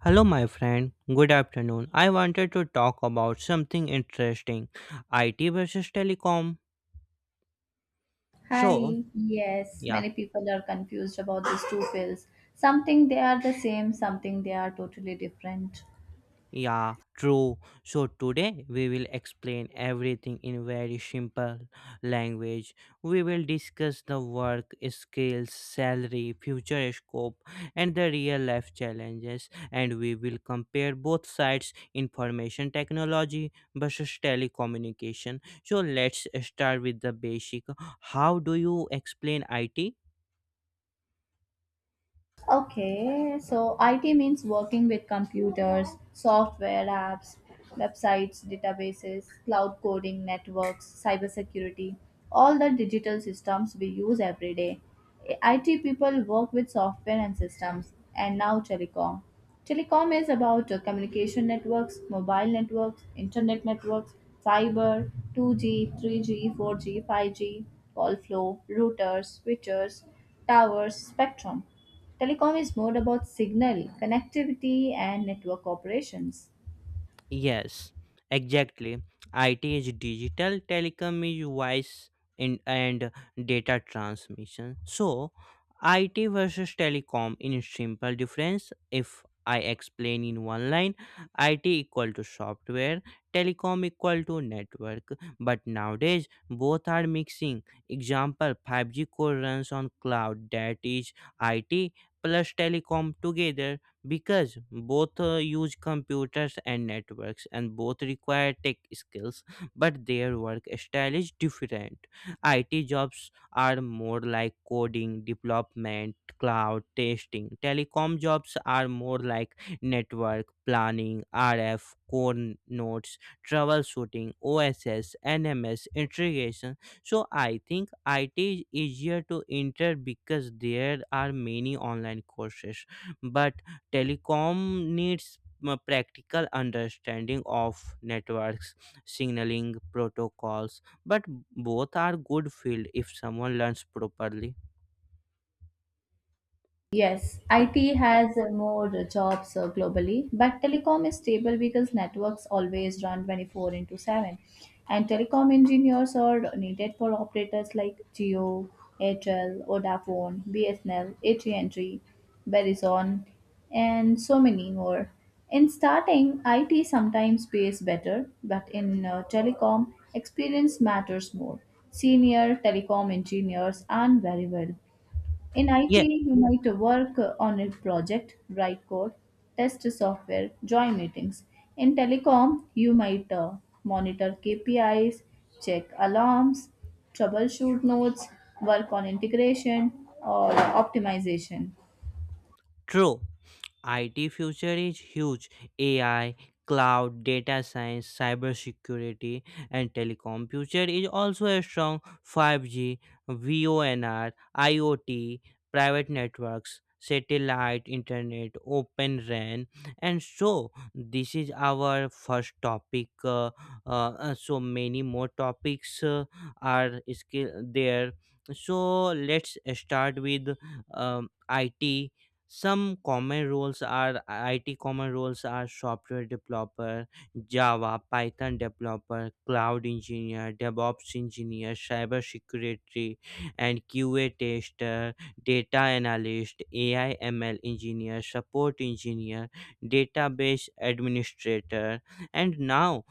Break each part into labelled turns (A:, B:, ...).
A: Hello, my friend. Good afternoon. I wanted to talk about something interesting IT versus telecom. So,
B: Hi, yes,
A: yeah.
B: many people are confused about these two pills. Something they are the same, something they are totally different.
A: Yeah, true. So today we will explain everything in very simple language. We will discuss the work, skills, salary, future scope, and the real life challenges. And we will compare both sides, information technology versus telecommunication. So let's start with the basic. How do you explain IT?
B: Okay, so IT means working with computers, software apps, websites, databases, cloud coding, networks, cybersecurity, all the digital systems we use every day. IT people work with software and systems, and now telecom. Telecom is about communication networks, mobile networks, internet networks, fiber, 2G, 3G, 4G, 5G, call flow, routers, switchers, towers, spectrum. Telecom is more about signal, connectivity, and network operations.
A: Yes, exactly. IT is digital, telecom is voice and data transmission. So, IT versus telecom in simple difference, if I explain in one line, IT equal to software, telecom equal to network. But nowadays, both are mixing. Example 5G core runs on cloud, that is IT plus telecom together, because both use computers and networks, and both require tech skills. But their work style is different. IT jobs are more like coding, development, cloud testing. Telecom jobs are more like network planning, RF core nodes, troubleshooting, OSS NMS integration. So I think IT is easier to enter because there are many online courses, but telecom needs practical understanding of networks, signaling protocols, but both are good field if someone learns properly.
B: Yes, IT has more jobs globally, but telecom is stable because networks always run 24 into 7. And telecom engineers are needed for operators like Geo, Airtel, Vodafone, BSNL, AT&T, Verizon, and so many more. In starting, IT sometimes pays better, but in telecom, experience matters more. Senior telecom engineers earn very well. In IT,
A: Yeah,
B: you might work on a project, write code, test software, join meetings. In telecom, you might monitor KPIs, check alarms, troubleshoot nodes, work on integration or optimization.
A: true. IT future is huge. AI, cloud, data science, cybersecurity, and telecom future is also a strong 5G, VONR, IoT, private networks, satellite internet, open RAN, and so this is our first topic. So many more topics are skill there. So let's start with IT. Some common roles are, IT common roles are software developer, Java, Python developer, cloud engineer, DevOps engineer, cyber security, and QA tester, data analyst, AI ML engineer, support engineer, database administrator, and now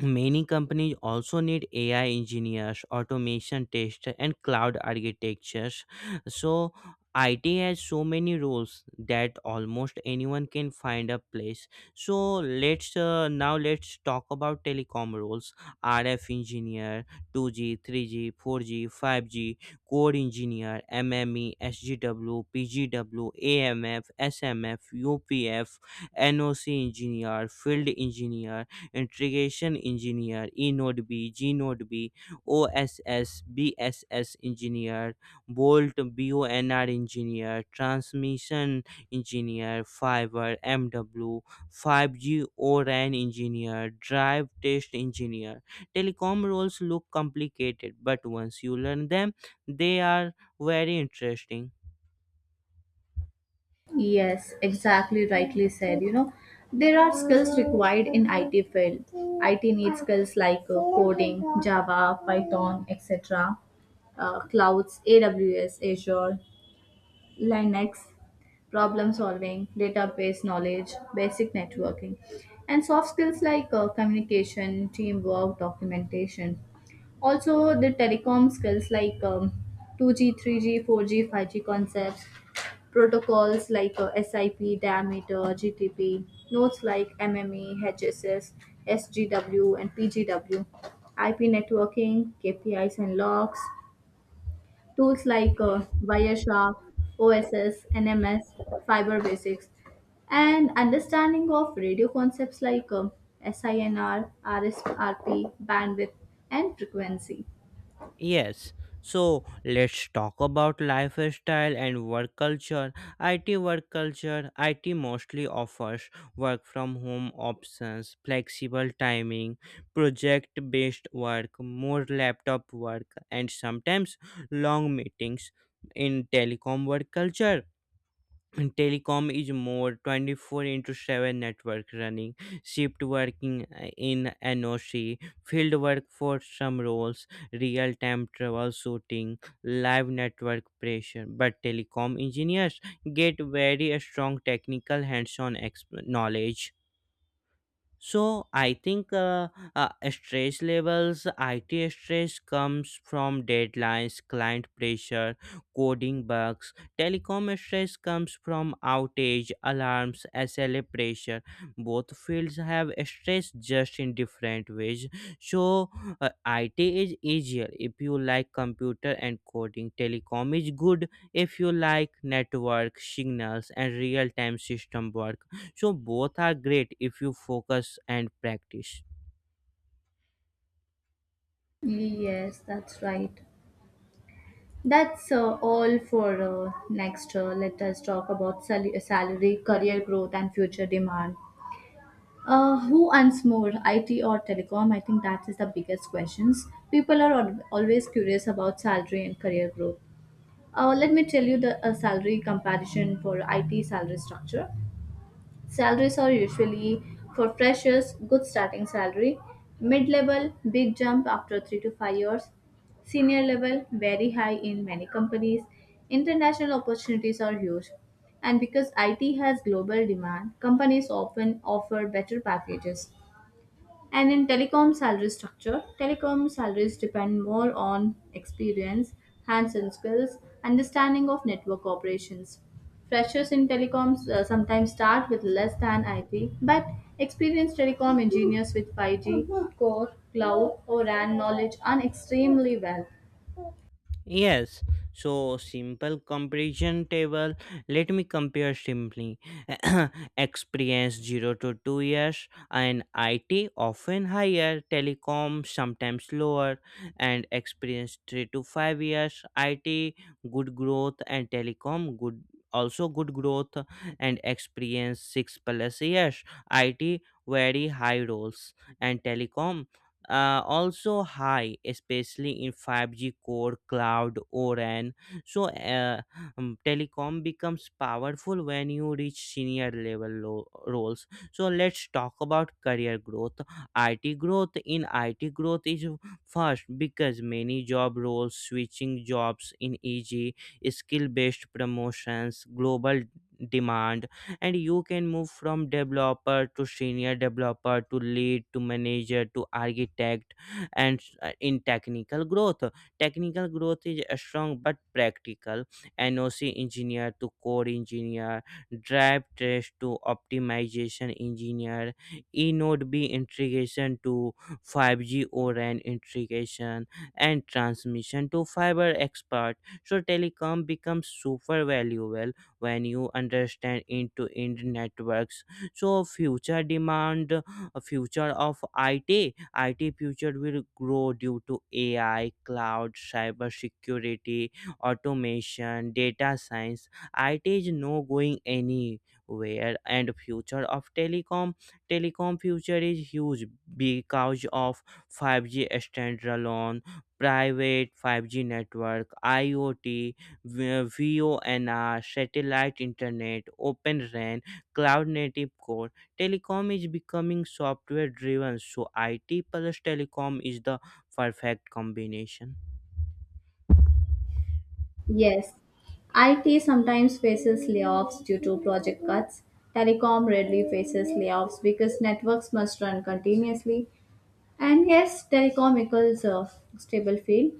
A: many companies also need AI engineers, automation testers, and cloud architectures. So, IT has so many roles that almost anyone can find a place. So, let's now let's talk about telecom roles: RF engineer, 2G, 3G, 4G, 5G, core engineer, MME, SGW, PGW, AMF, SMF, UPF, NOC engineer, field engineer, integration engineer, E Node GNodeB, OSS, BSS engineer, Bolt BONR engineer, transmission engineer, fiber MW, 5G ORAN engineer, drive test engineer. Telecom roles look complicated, but once you learn them, they are very interesting.
B: Yes, exactly rightly said. You know, there are skills required in IT field. IT needs skills like coding, Java, Python, etc. Clouds, AWS, Azure, Linux, problem solving, database knowledge, basic networking, and soft skills like communication, teamwork, documentation. Also, the telecom skills like 2G, 3G, 4G, 5G concepts, protocols like SIP, diameter, GTP, nodes like MME, HSS, SGW, and PGW, IP networking, KPIs and logs, tools like Wireshark, OSS, NMS, Fiber Basics, and understanding of radio concepts like SINR, RSRP, bandwidth, and frequency.
A: Yes. So let's talk about lifestyle and work culture. IT work culture, IT mostly offers work from home options, flexible timing, project based work, more laptop work, and sometimes long meetings. In telecom work culture, and telecom is more 24 into 7 network running, shift working in noc, field work for some roles, real time troubleshooting, live network pressure, but telecom engineers get very strong technical hands on knowledge. So I think stress levels, IT stress comes from deadlines, client pressure, coding bugs. Telecom stress comes from outage, alarms, SLA pressure. Both fields have stress just in different ways. So IT is easier if you like computer and coding. Telecom is good if you like network signals and real-time system work, so both are great if you focus and practice.
B: Yes, that's right. That's all for next. Let us talk about salary, career growth, and future demand. Who earns more, IT or telecom? I think that is the biggest questions. People are always curious about salary and career growth. Let me tell you the salary comparison for IT salary structure. Salaries are usually for freshers, good starting salary, mid level, big jump after 3 to 5 years, senior level, very high in many companies. International opportunities are huge. And because IT has global demand, companies often offer better packages. And in telecom salary structure, telecom salaries depend more on experience, hands on skills, understanding of network operations. Freshers in telecoms sometimes start with less than IT, but experienced telecom engineers with 5G, core, cloud, or RAN knowledge earn extremely well.
A: Yes, so simple comparison table. Let me compare simply. Experience 0 to 2 years, and IT often higher, telecom sometimes lower, and experience 3 to 5 years, IT good growth and telecom good, also good growth, and experience 6 plus years, IT very high roles and telecom also high, especially in 5G core cloud oran. So telecom becomes powerful when you reach senior level roles. So let's talk about career growth. IT growth, in IT growth is first because many job roles, switching jobs in eg, skill based promotions, global demand. And you can move from developer to senior developer to lead to manager to architect. And in technical growth, technical growth is strong but practical. NOC engineer to core engineer, drive trace to optimization engineer, e b integration to 5G oran integration, and transmission to fiber expert. So telecom becomes super valuable when you understand into end networks. So future demand, future of IT, IT future will grow due to AI, cloud, cyber security, automation, data science. It is no going anywhere. And future of telecom, telecom future is huge because of 5G standalone, private 5G network, iot, VONR, satellite internet, Open RAN, cloud native core. Telecom is becoming software driven, so IT plus telecom is the perfect combination.
B: Yes, IT sometimes faces layoffs due to project cuts. Telecom rarely faces layoffs because networks must run continuously. And yes, telecom equals a stable field.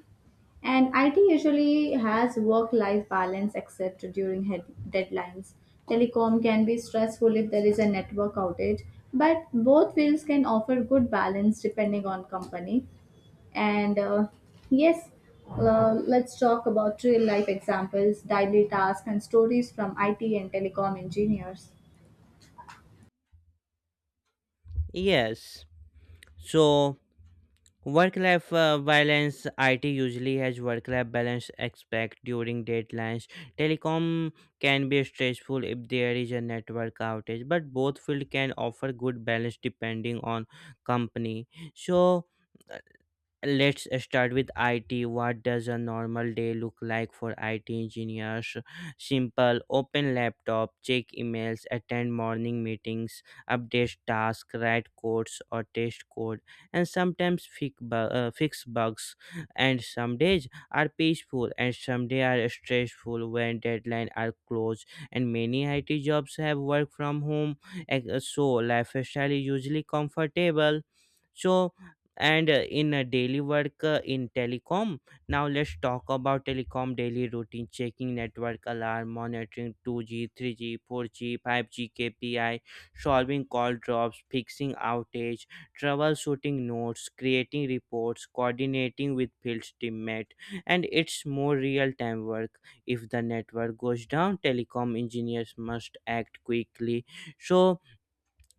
B: And IT usually has work life balance except during deadlines. Telecom can be stressful if there is a network outage, but both fields can offer good balance depending on company. And yes, let's talk about real life examples, daily tasks, and stories from IT and telecom engineers.
A: Yes. So work life balance, IT usually has work life balance aspect during deadlines. Telecom can be stressful if there is a network outage, but both field can offer good balance depending on company. So let's start with IT. What does a normal day look like for IT engineers? Simple, open laptop, check emails, attend morning meetings, update tasks, write codes or test code, and sometimes fix bugs. And some days are peaceful, and some days are stressful when deadlines are close. And many IT jobs have work from home, so lifestyle is usually comfortable. So and in a daily work in telecom now let's talk about telecom daily routine, checking network alarm, monitoring 2G 3G 4G 5G kpi, solving call drops, fixing outage, troubleshooting notes, creating reports, coordinating with field teammate. And it's more real time work. If the network goes down, telecom engineers must act quickly. So,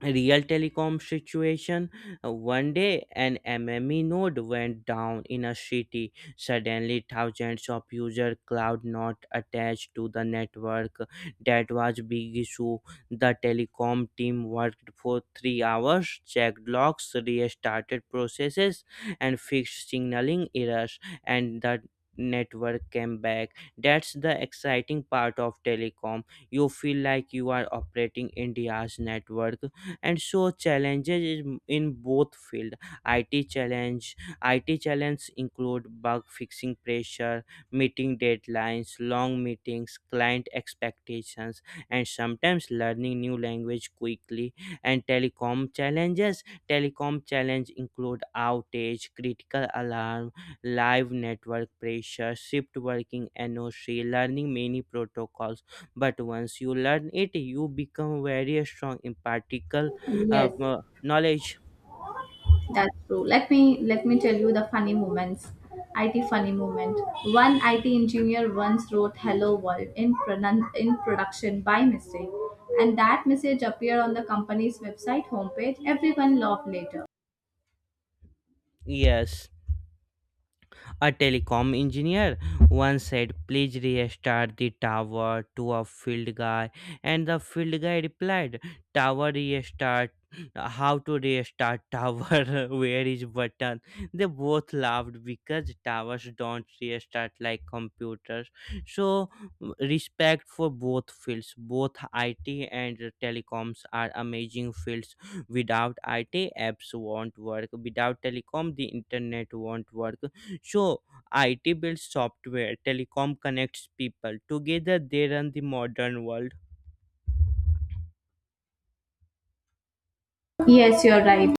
A: real telecom situation. One day an mme node went down in a city, suddenly thousands of user cloud not attached to the network. That was big issue. The telecom team worked for 3 hours, checked logs, restarted processes, and fixed signaling errors, and the network came back. That's the exciting part of telecom. You feel like you are operating india's network. And so, challenges is in both field. IT challenge, include bug fixing pressure, meeting deadlines, long meetings, client expectations, and sometimes learning new language quickly. And telecom challenges, telecom challenge include outage, critical alarm, live network pressure, shift working noc, learning many protocols. But once you learn it, you become very strong in particle
B: Yes.
A: knowledge.
B: That's true. Let me tell you the funny moments. IT funny moment. One IT engineer once wrote "Hello World" in production by mistake, and that message appeared on the company's website homepage. Everyone laughed later.
A: Yes. A telecom engineer once said, "Please restart the tower," to a field guy. And the field guy replied, "Tower restart? How to restart tower? Where is button?" They both laughed because towers don't restart like computers. So, respect for both fields. Both IT and telecoms are amazing fields. Without IT, apps won't work. Without telecom, the internet won't work. So, IT builds software, telecom connects people. Together, they run the modern world.
B: Yes, you're right.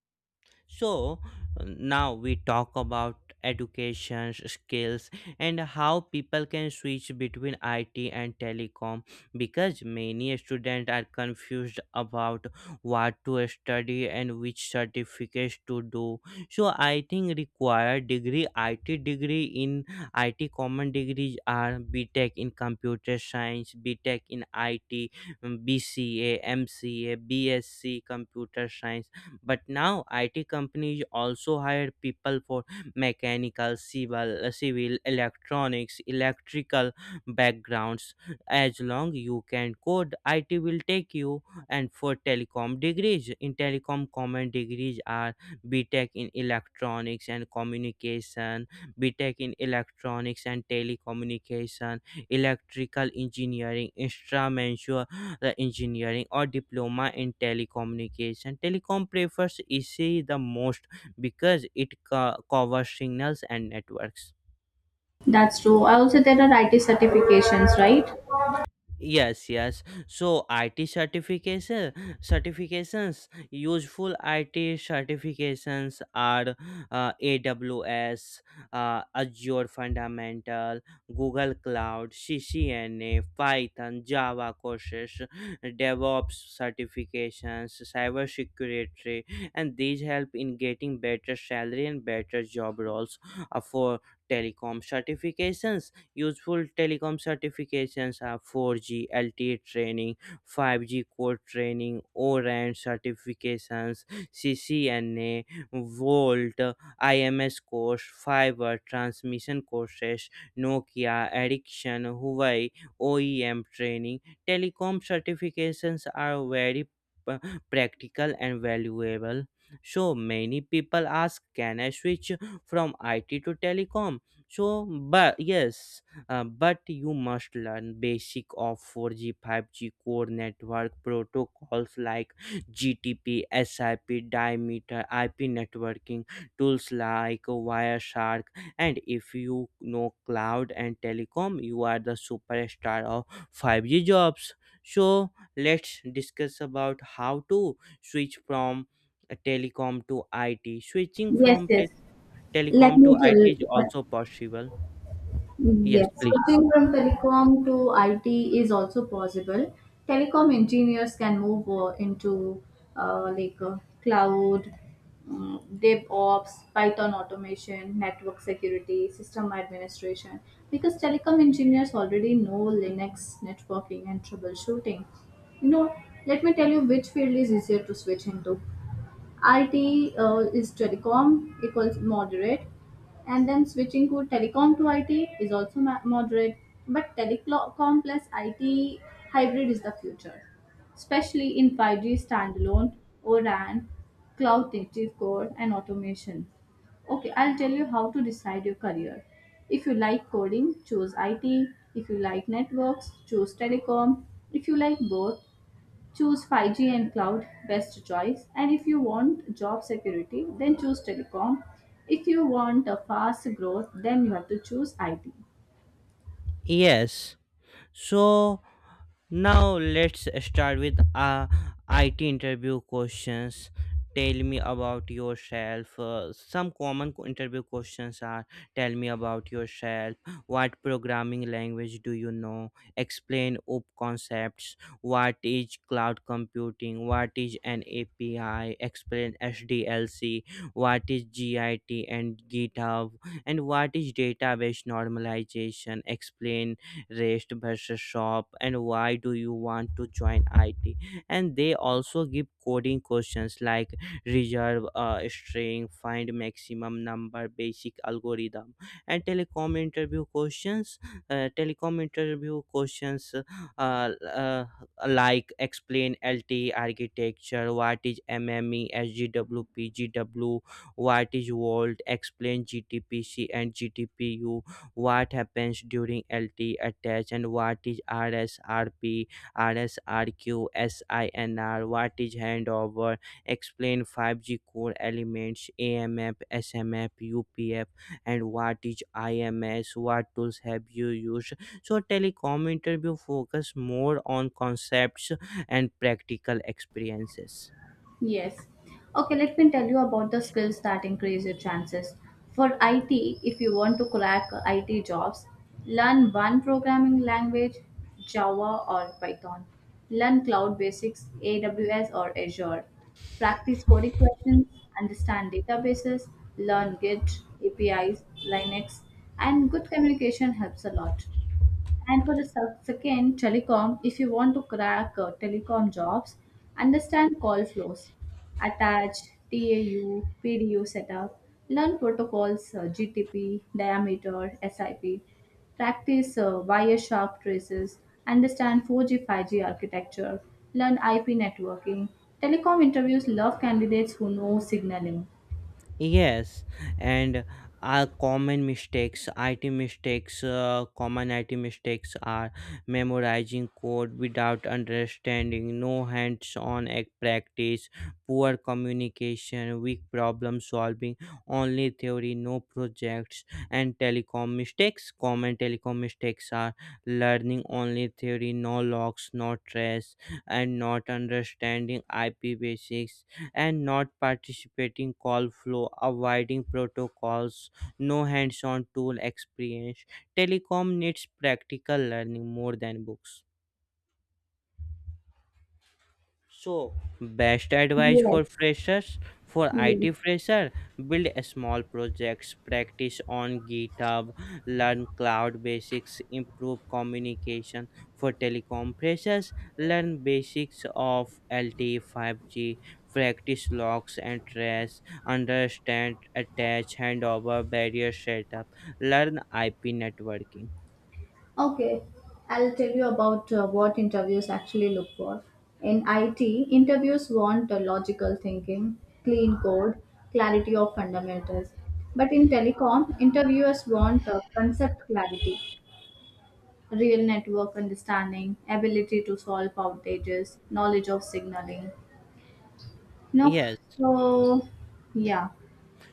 A: So now we talk about education skills and how people can switch between IT and telecom, because many students are confused about what to study and which certificates to do. So I think, required degree, IT degree, in IT common degrees are BTech in computer science, BTech in IT, BCA, MCA, BSc computer science, but now IT companies also hire people for mechanical, civil, electronics, electrical backgrounds. As long you can code, IT will take you. And for telecom degrees, in telecom, common degrees are BTech in electronics and communication, BTech in electronics and telecommunication, electrical engineering, instrumental engineering, or diploma in telecommunication. Telecom prefers EC the most because it covers signals and networks.
B: That's true. Also, there are IT certifications, right?
A: Yes, yes. So IT certification, certifications, useful IT certifications are AWS, Azure Fundamental, Google Cloud, CCNA, Python, Java courses, DevOps certifications, cybersecurity, and these help in getting better salary and better job roles. Uh, for telecom certifications, useful telecom certifications are 4G LTE training, 5G core training, O-RAN certifications, CCNA, Volt, IMS course, fiber transmission courses, Nokia, Ericsson, Huawei, OEM training. Telecom certifications are very p- practical and valuable. So many people ask, can I switch from IT to telecom? So, but yes, but you must learn basic of 4G, 5G core network protocols like GTP, SIP, diameter, IP networking, tools like Wireshark, and if you know cloud and telecom, you are the superstar of 5G jobs. So let's discuss about how to switch from telecom to IT. Switching
B: Yes,
A: from
B: yes. Let
A: telecom to
B: me tell
A: IT is
B: you.
A: also possible. Yes,
B: Yes,
A: please.
B: switching from telecom to IT is also possible. Telecom engineers can move into like cloud, DevOps, Python automation, network security, system administration, because telecom engineers already know Linux networking and troubleshooting. You know, let me tell you which field is easier to switch into. IT is telecom equals moderate, and then switching to telecom to IT is also moderate. But telecom plus IT hybrid is the future, especially in 5G standalone, ORAN, cloud native core, and automation. Okay, I'll tell you how to decide your career. If you like coding, choose IT. If you like networks, choose telecom. If you like both, choose 5G and cloud, best choice. And if you want job security, then choose telecom. If you want a fast growth, then you have to choose IT.
A: Yes. So now let's start with IT interview questions. Tell me about yourself. Some common interview questions are, tell me about yourself. What programming language do you know? Explain OOP concepts. What is cloud computing? What is an API? Explain SDLC. What is GIT and GitHub? And what is database normalization? Explain rest versus shop, and why do you want to join IT? And they also give coding questions like reserve a string, find maximum number, basic algorithm. And telecom interview questions, telecom interview questions, uh, uh, like, explain LTE architecture. What is MME SGWP GW? What is volt? Explain GTPC and GTPU. What happens during LT attach? And what is RSRP, RSRQ, SINR? What is handover? Explain 5G core elements, AMF, SMF, UPF. And what is IMS? What tools have you used? So, telecom interview focus more on concepts and practical experiences.
B: Yes. Okay, let me tell you about the skills that increase your chances. For IT, if you want to crack IT jobs, learn one programming language, Java or Python. Learn cloud basics, AWS or Azure. Practice coding questions, understand databases, learn Git, APIs, Linux, and good communication helps a lot. And for the second, telecom, if you want to crack telecom jobs, understand call flows, attach TAU, PDU setup, learn protocols, GTP, diameter, SIP, practice wire sharp traces, understand 4G, 5G architecture, learn IP networking. Telecom interviews love candidates who know signaling.
A: Yes, and our common mistakes, IT mistakes, common IT mistakes are memorizing code without understanding, no hands on practice, poor communication, weak problem solving, only theory, no projects, and telecom mistakes. Common telecom mistakes are learning only theory, no logs, no trace, and not understanding IP basics, and not participating call flow, avoiding protocols, no hands-on tool experience. Telecom needs practical learning more than books. So, best advice
B: Yes,
A: for freshers. For
B: yes.
A: IT fresher, build a small projects, practice on GitHub, learn cloud basics, improve communication. For telecom freshers, learn basics of LTE 5G, practice logs and trace, understand attach handover barrier setup, learn IP networking.
B: Okay, I'll tell you about what interviews actually look for. In IT, interviews want logical thinking, clean code, clarity of fundamentals. But in telecom, interviewers want concept clarity, real network understanding, ability to solve outages, knowledge of signaling. No,
A: Yes.
B: so yeah,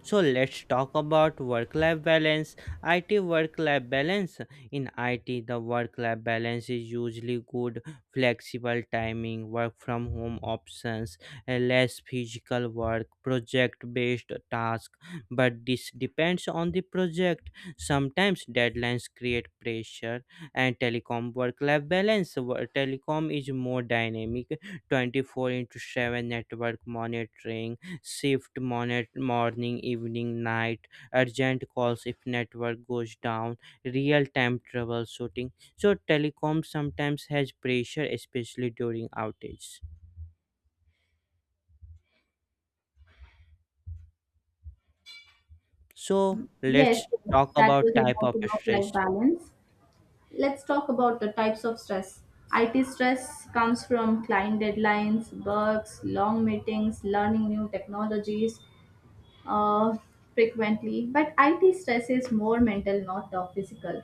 A: So let's talk about work life balance. IT work life balance. In IT, the work life balance is usually good, flexible timing, work from home options, less physical work, project based task. But this depends on the project. Sometimes deadlines create pressure. And telecom work life balance. Telecom is more dynamic, 24 into 7 network monitoring, shift morning evening night, urgent calls if network goes down, real time troubleshooting. So telecom sometimes has pressure, especially during outages. So
B: yes,
A: let's talk
B: that was
A: about type
B: about
A: of stress.
B: work-life balance. Let's talk about the types of stress. IT stress comes from client deadlines, bugs, long meetings, learning new technologies uh, frequently. But IT stress is more mental, not the physical.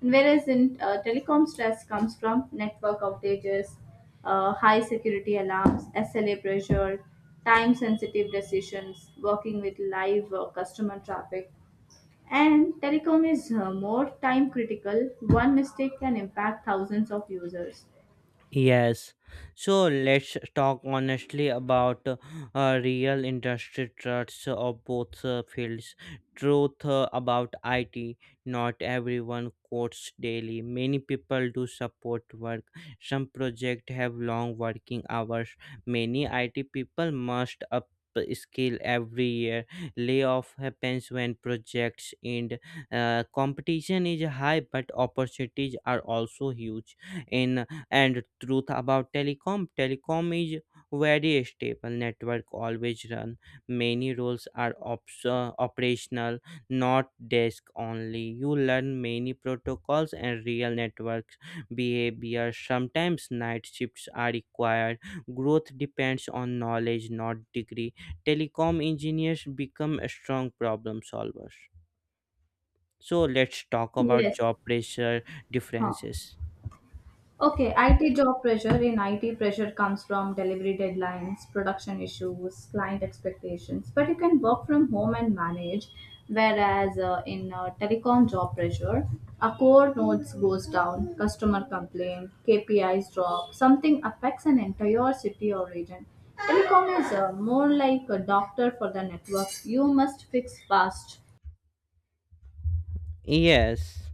B: Whereas in telecom, stress comes from network outages, high security alarms, SLA pressure, time sensitive decisions, working with live customer traffic. And telecom is more time critical. One mistake can impact thousands of users.
A: Yes. So let's talk honestly about real industry truths of both fields. Truth about IT. Not everyone quotes daily. Many people do support work. Some projects have long working hours. Many IT people must up skill every year. Layoff happens when projects end. Competition is high but opportunities are also huge in. And truth about telecom, telecom is very stable, network always run. Many roles are operational, not desk only. You learn many protocols and real networks behavior. Sometimes night shifts are required. Growth depends on knowledge, not degree. Telecom engineers become strong problem solvers. So let's talk about
B: Yes.
A: job pressure
B: Huh.
A: differences.
B: Okay, IT job pressure. In IT, pressure comes from delivery deadlines, production issues, client expectations. But you can work from home and manage. Whereas in telecom job pressure, a core nodes goes down, customer complaint, KPIs drop, something affects an entire city or region. Telecom is more like a doctor for the network. You must fix fast.
A: Yes.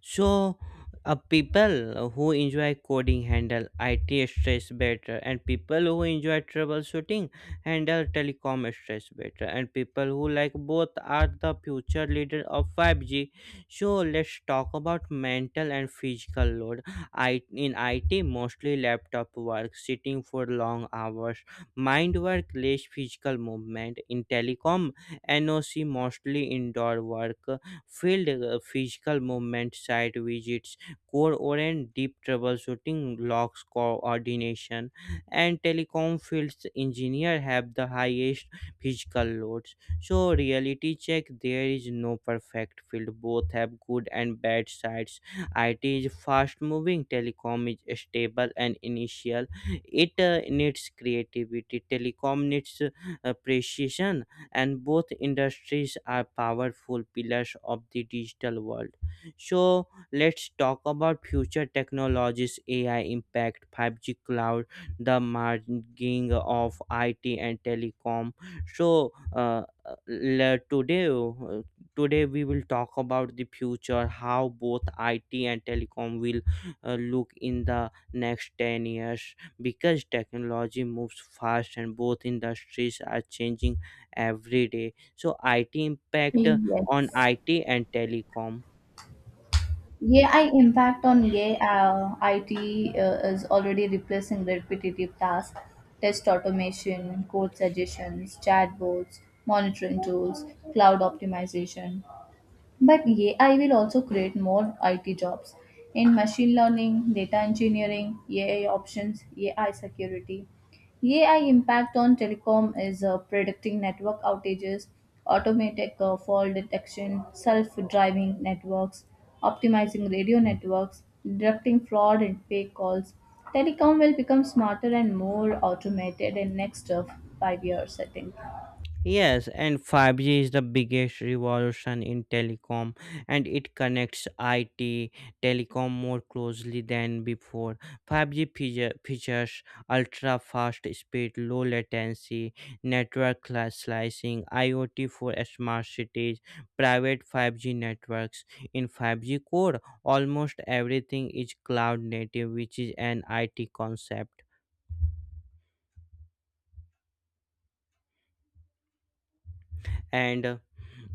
A: So, people who enjoy coding handle IT stress better, and people who enjoy troubleshooting handle telecom stress better, and people who like both are the future leader of 5G. So, let's talk about mental and physical load. I in IT mostly laptop work, sitting for long hours, mind work, less physical movement. In telecom, NOC mostly indoor work, field physical movement, site visits, core orient, deep troubleshooting, logs coordination. And telecom fields engineer have the highest physical loads. So reality check, there is no perfect field. Both have good and bad sides. IT is fast moving, telecom is stable and initial. It needs creativity. Telecom needs appreciation. And both industries are powerful pillars of the digital world. So let's talk about future technologies, AI impact, 5G, cloud, the merging of IT and telecom. So le- today uh, today we will talk about the future, how both IT and telecom will look in the next 10 years, because technology moves fast and both industries are changing every day. So IT impact on
B: Yes.
A: IT and telecom.
B: AI impact on AI IT is already replacing repetitive tasks, test automation, code suggestions, chatbots, monitoring tools, cloud optimization. But AI will also create more IT jobs in machine learning, data engineering, AI options, AI security. AI impact on telecom is predicting network outages, automatic fault detection, self-driving networks, optimizing radio networks, detecting fraud and fake calls. Telecom will become smarter and more automated in next 5 years, I think.
A: Yes, and 5G is the biggest revolution in telecom, and it connects IT, telecom more closely than before. 5G features: ultra fast speed, low latency, network slicing, IoT for smart cities, private 5G networks. In 5G core, almost everything is cloud native, which is an IT concept. And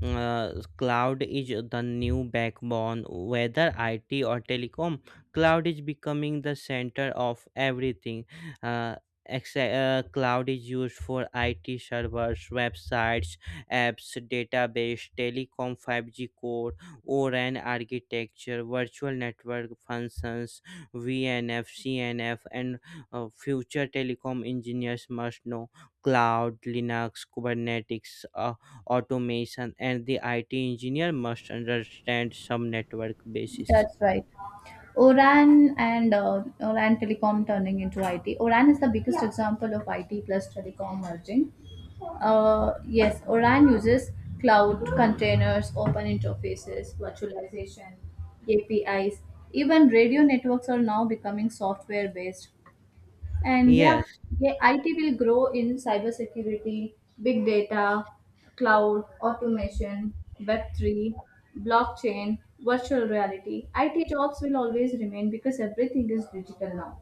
A: cloud is the new backbone. Whether IT or telecom, cloud is becoming the center of everything. uh, Except, cloud is used for IT servers, websites, apps, database. Telecom 5G core, ORAN architecture, virtual network functions, VNF CNF. And future telecom engineers must know cloud, Linux, Kubernetes, automation. And the IT engineer must understand some network basis.
B: That's right. Oran and Oran Telecom turning into IT. Oran is the biggest example of IT plus telecom merging. Yes, Oran uses cloud containers, open interfaces, virtualization, APIs. Even radio networks are now becoming software based. And yeah,
A: Yes.
B: yeah, IT will grow in cybersecurity, big data, cloud, automation, Web3, blockchain, virtual reality. IT jobs will always remain because everything is digital now.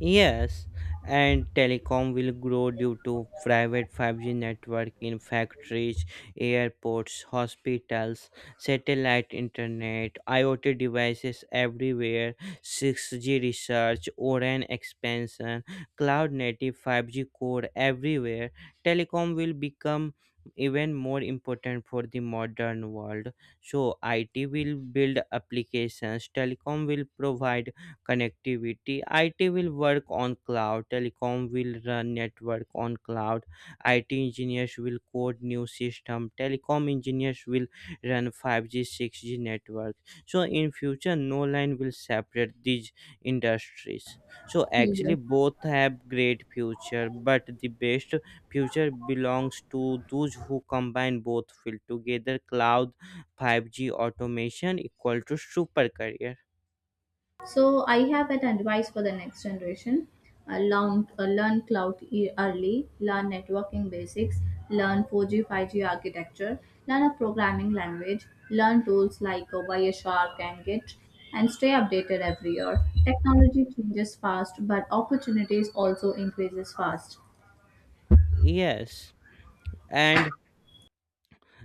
A: Yes, and telecom will grow due to private 5G network in factories, airports, hospitals, satellite internet, IoT devices everywhere, 6G research, ORAN expansion, cloud native 5G core everywhere. Telecom will become even more important for the modern world. So, IT will build applications, telecom will provide connectivity. IT will work on cloud, telecom will run network on cloud. IT engineers will code new system, telecom engineers will run 5G, 6G networks. So in future, no line will separate these industries. So actually,
B: Yes.
A: both have great future, but the best future belongs to those who combine both field together. Cloud, 5G automation equal to super career.
B: So I have an advice for the next generation. Learn, learn cloud early, learn networking basics, learn 4G, 5G architecture, learn a programming language, learn tools like Wireshark and Git, and stay updated every year. Technology changes fast, but opportunities also increases fast.
A: Yes. And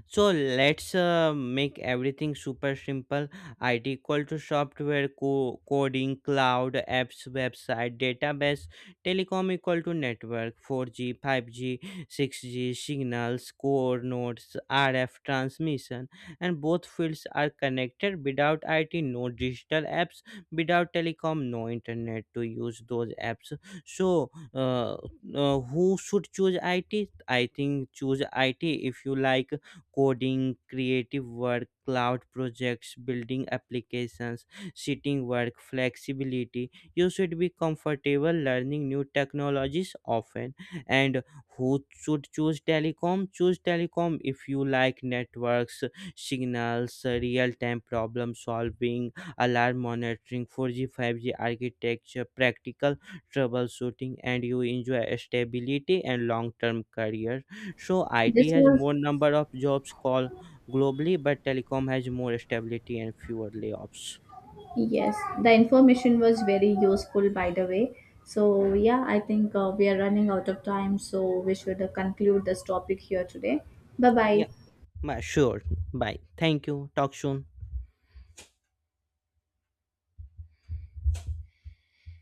A: so let's make everything super simple. IT equal to software, coding, cloud, apps, website, database. Telecom equal to network, 4G, 5G, 6G, signals, core nodes, RF transmission. And both fields are connected. Without IT, no digital apps. Without telecom, no internet to use those apps. So, who should choose IT? I think choose IT if you like coding, creative work, cloud projects, building applications, sitting work, flexibility. You should be comfortable learning new technologies often. And who should choose telecom? Choose telecom if you like networks, signals, real time problem solving, alarm monitoring, 4G, 5G architecture, practical troubleshooting. And you enjoy stability and long term career. So IT
B: This
A: has
B: was
A: more number of jobs call globally, but telecom has more stability and fewer layoffs.
B: Yes, the information was very useful, by the way. So, yeah, I think we are running out of time, so we should conclude this topic here today. Bye bye.
A: Yeah, sure. Bye. Thank you. Talk soon.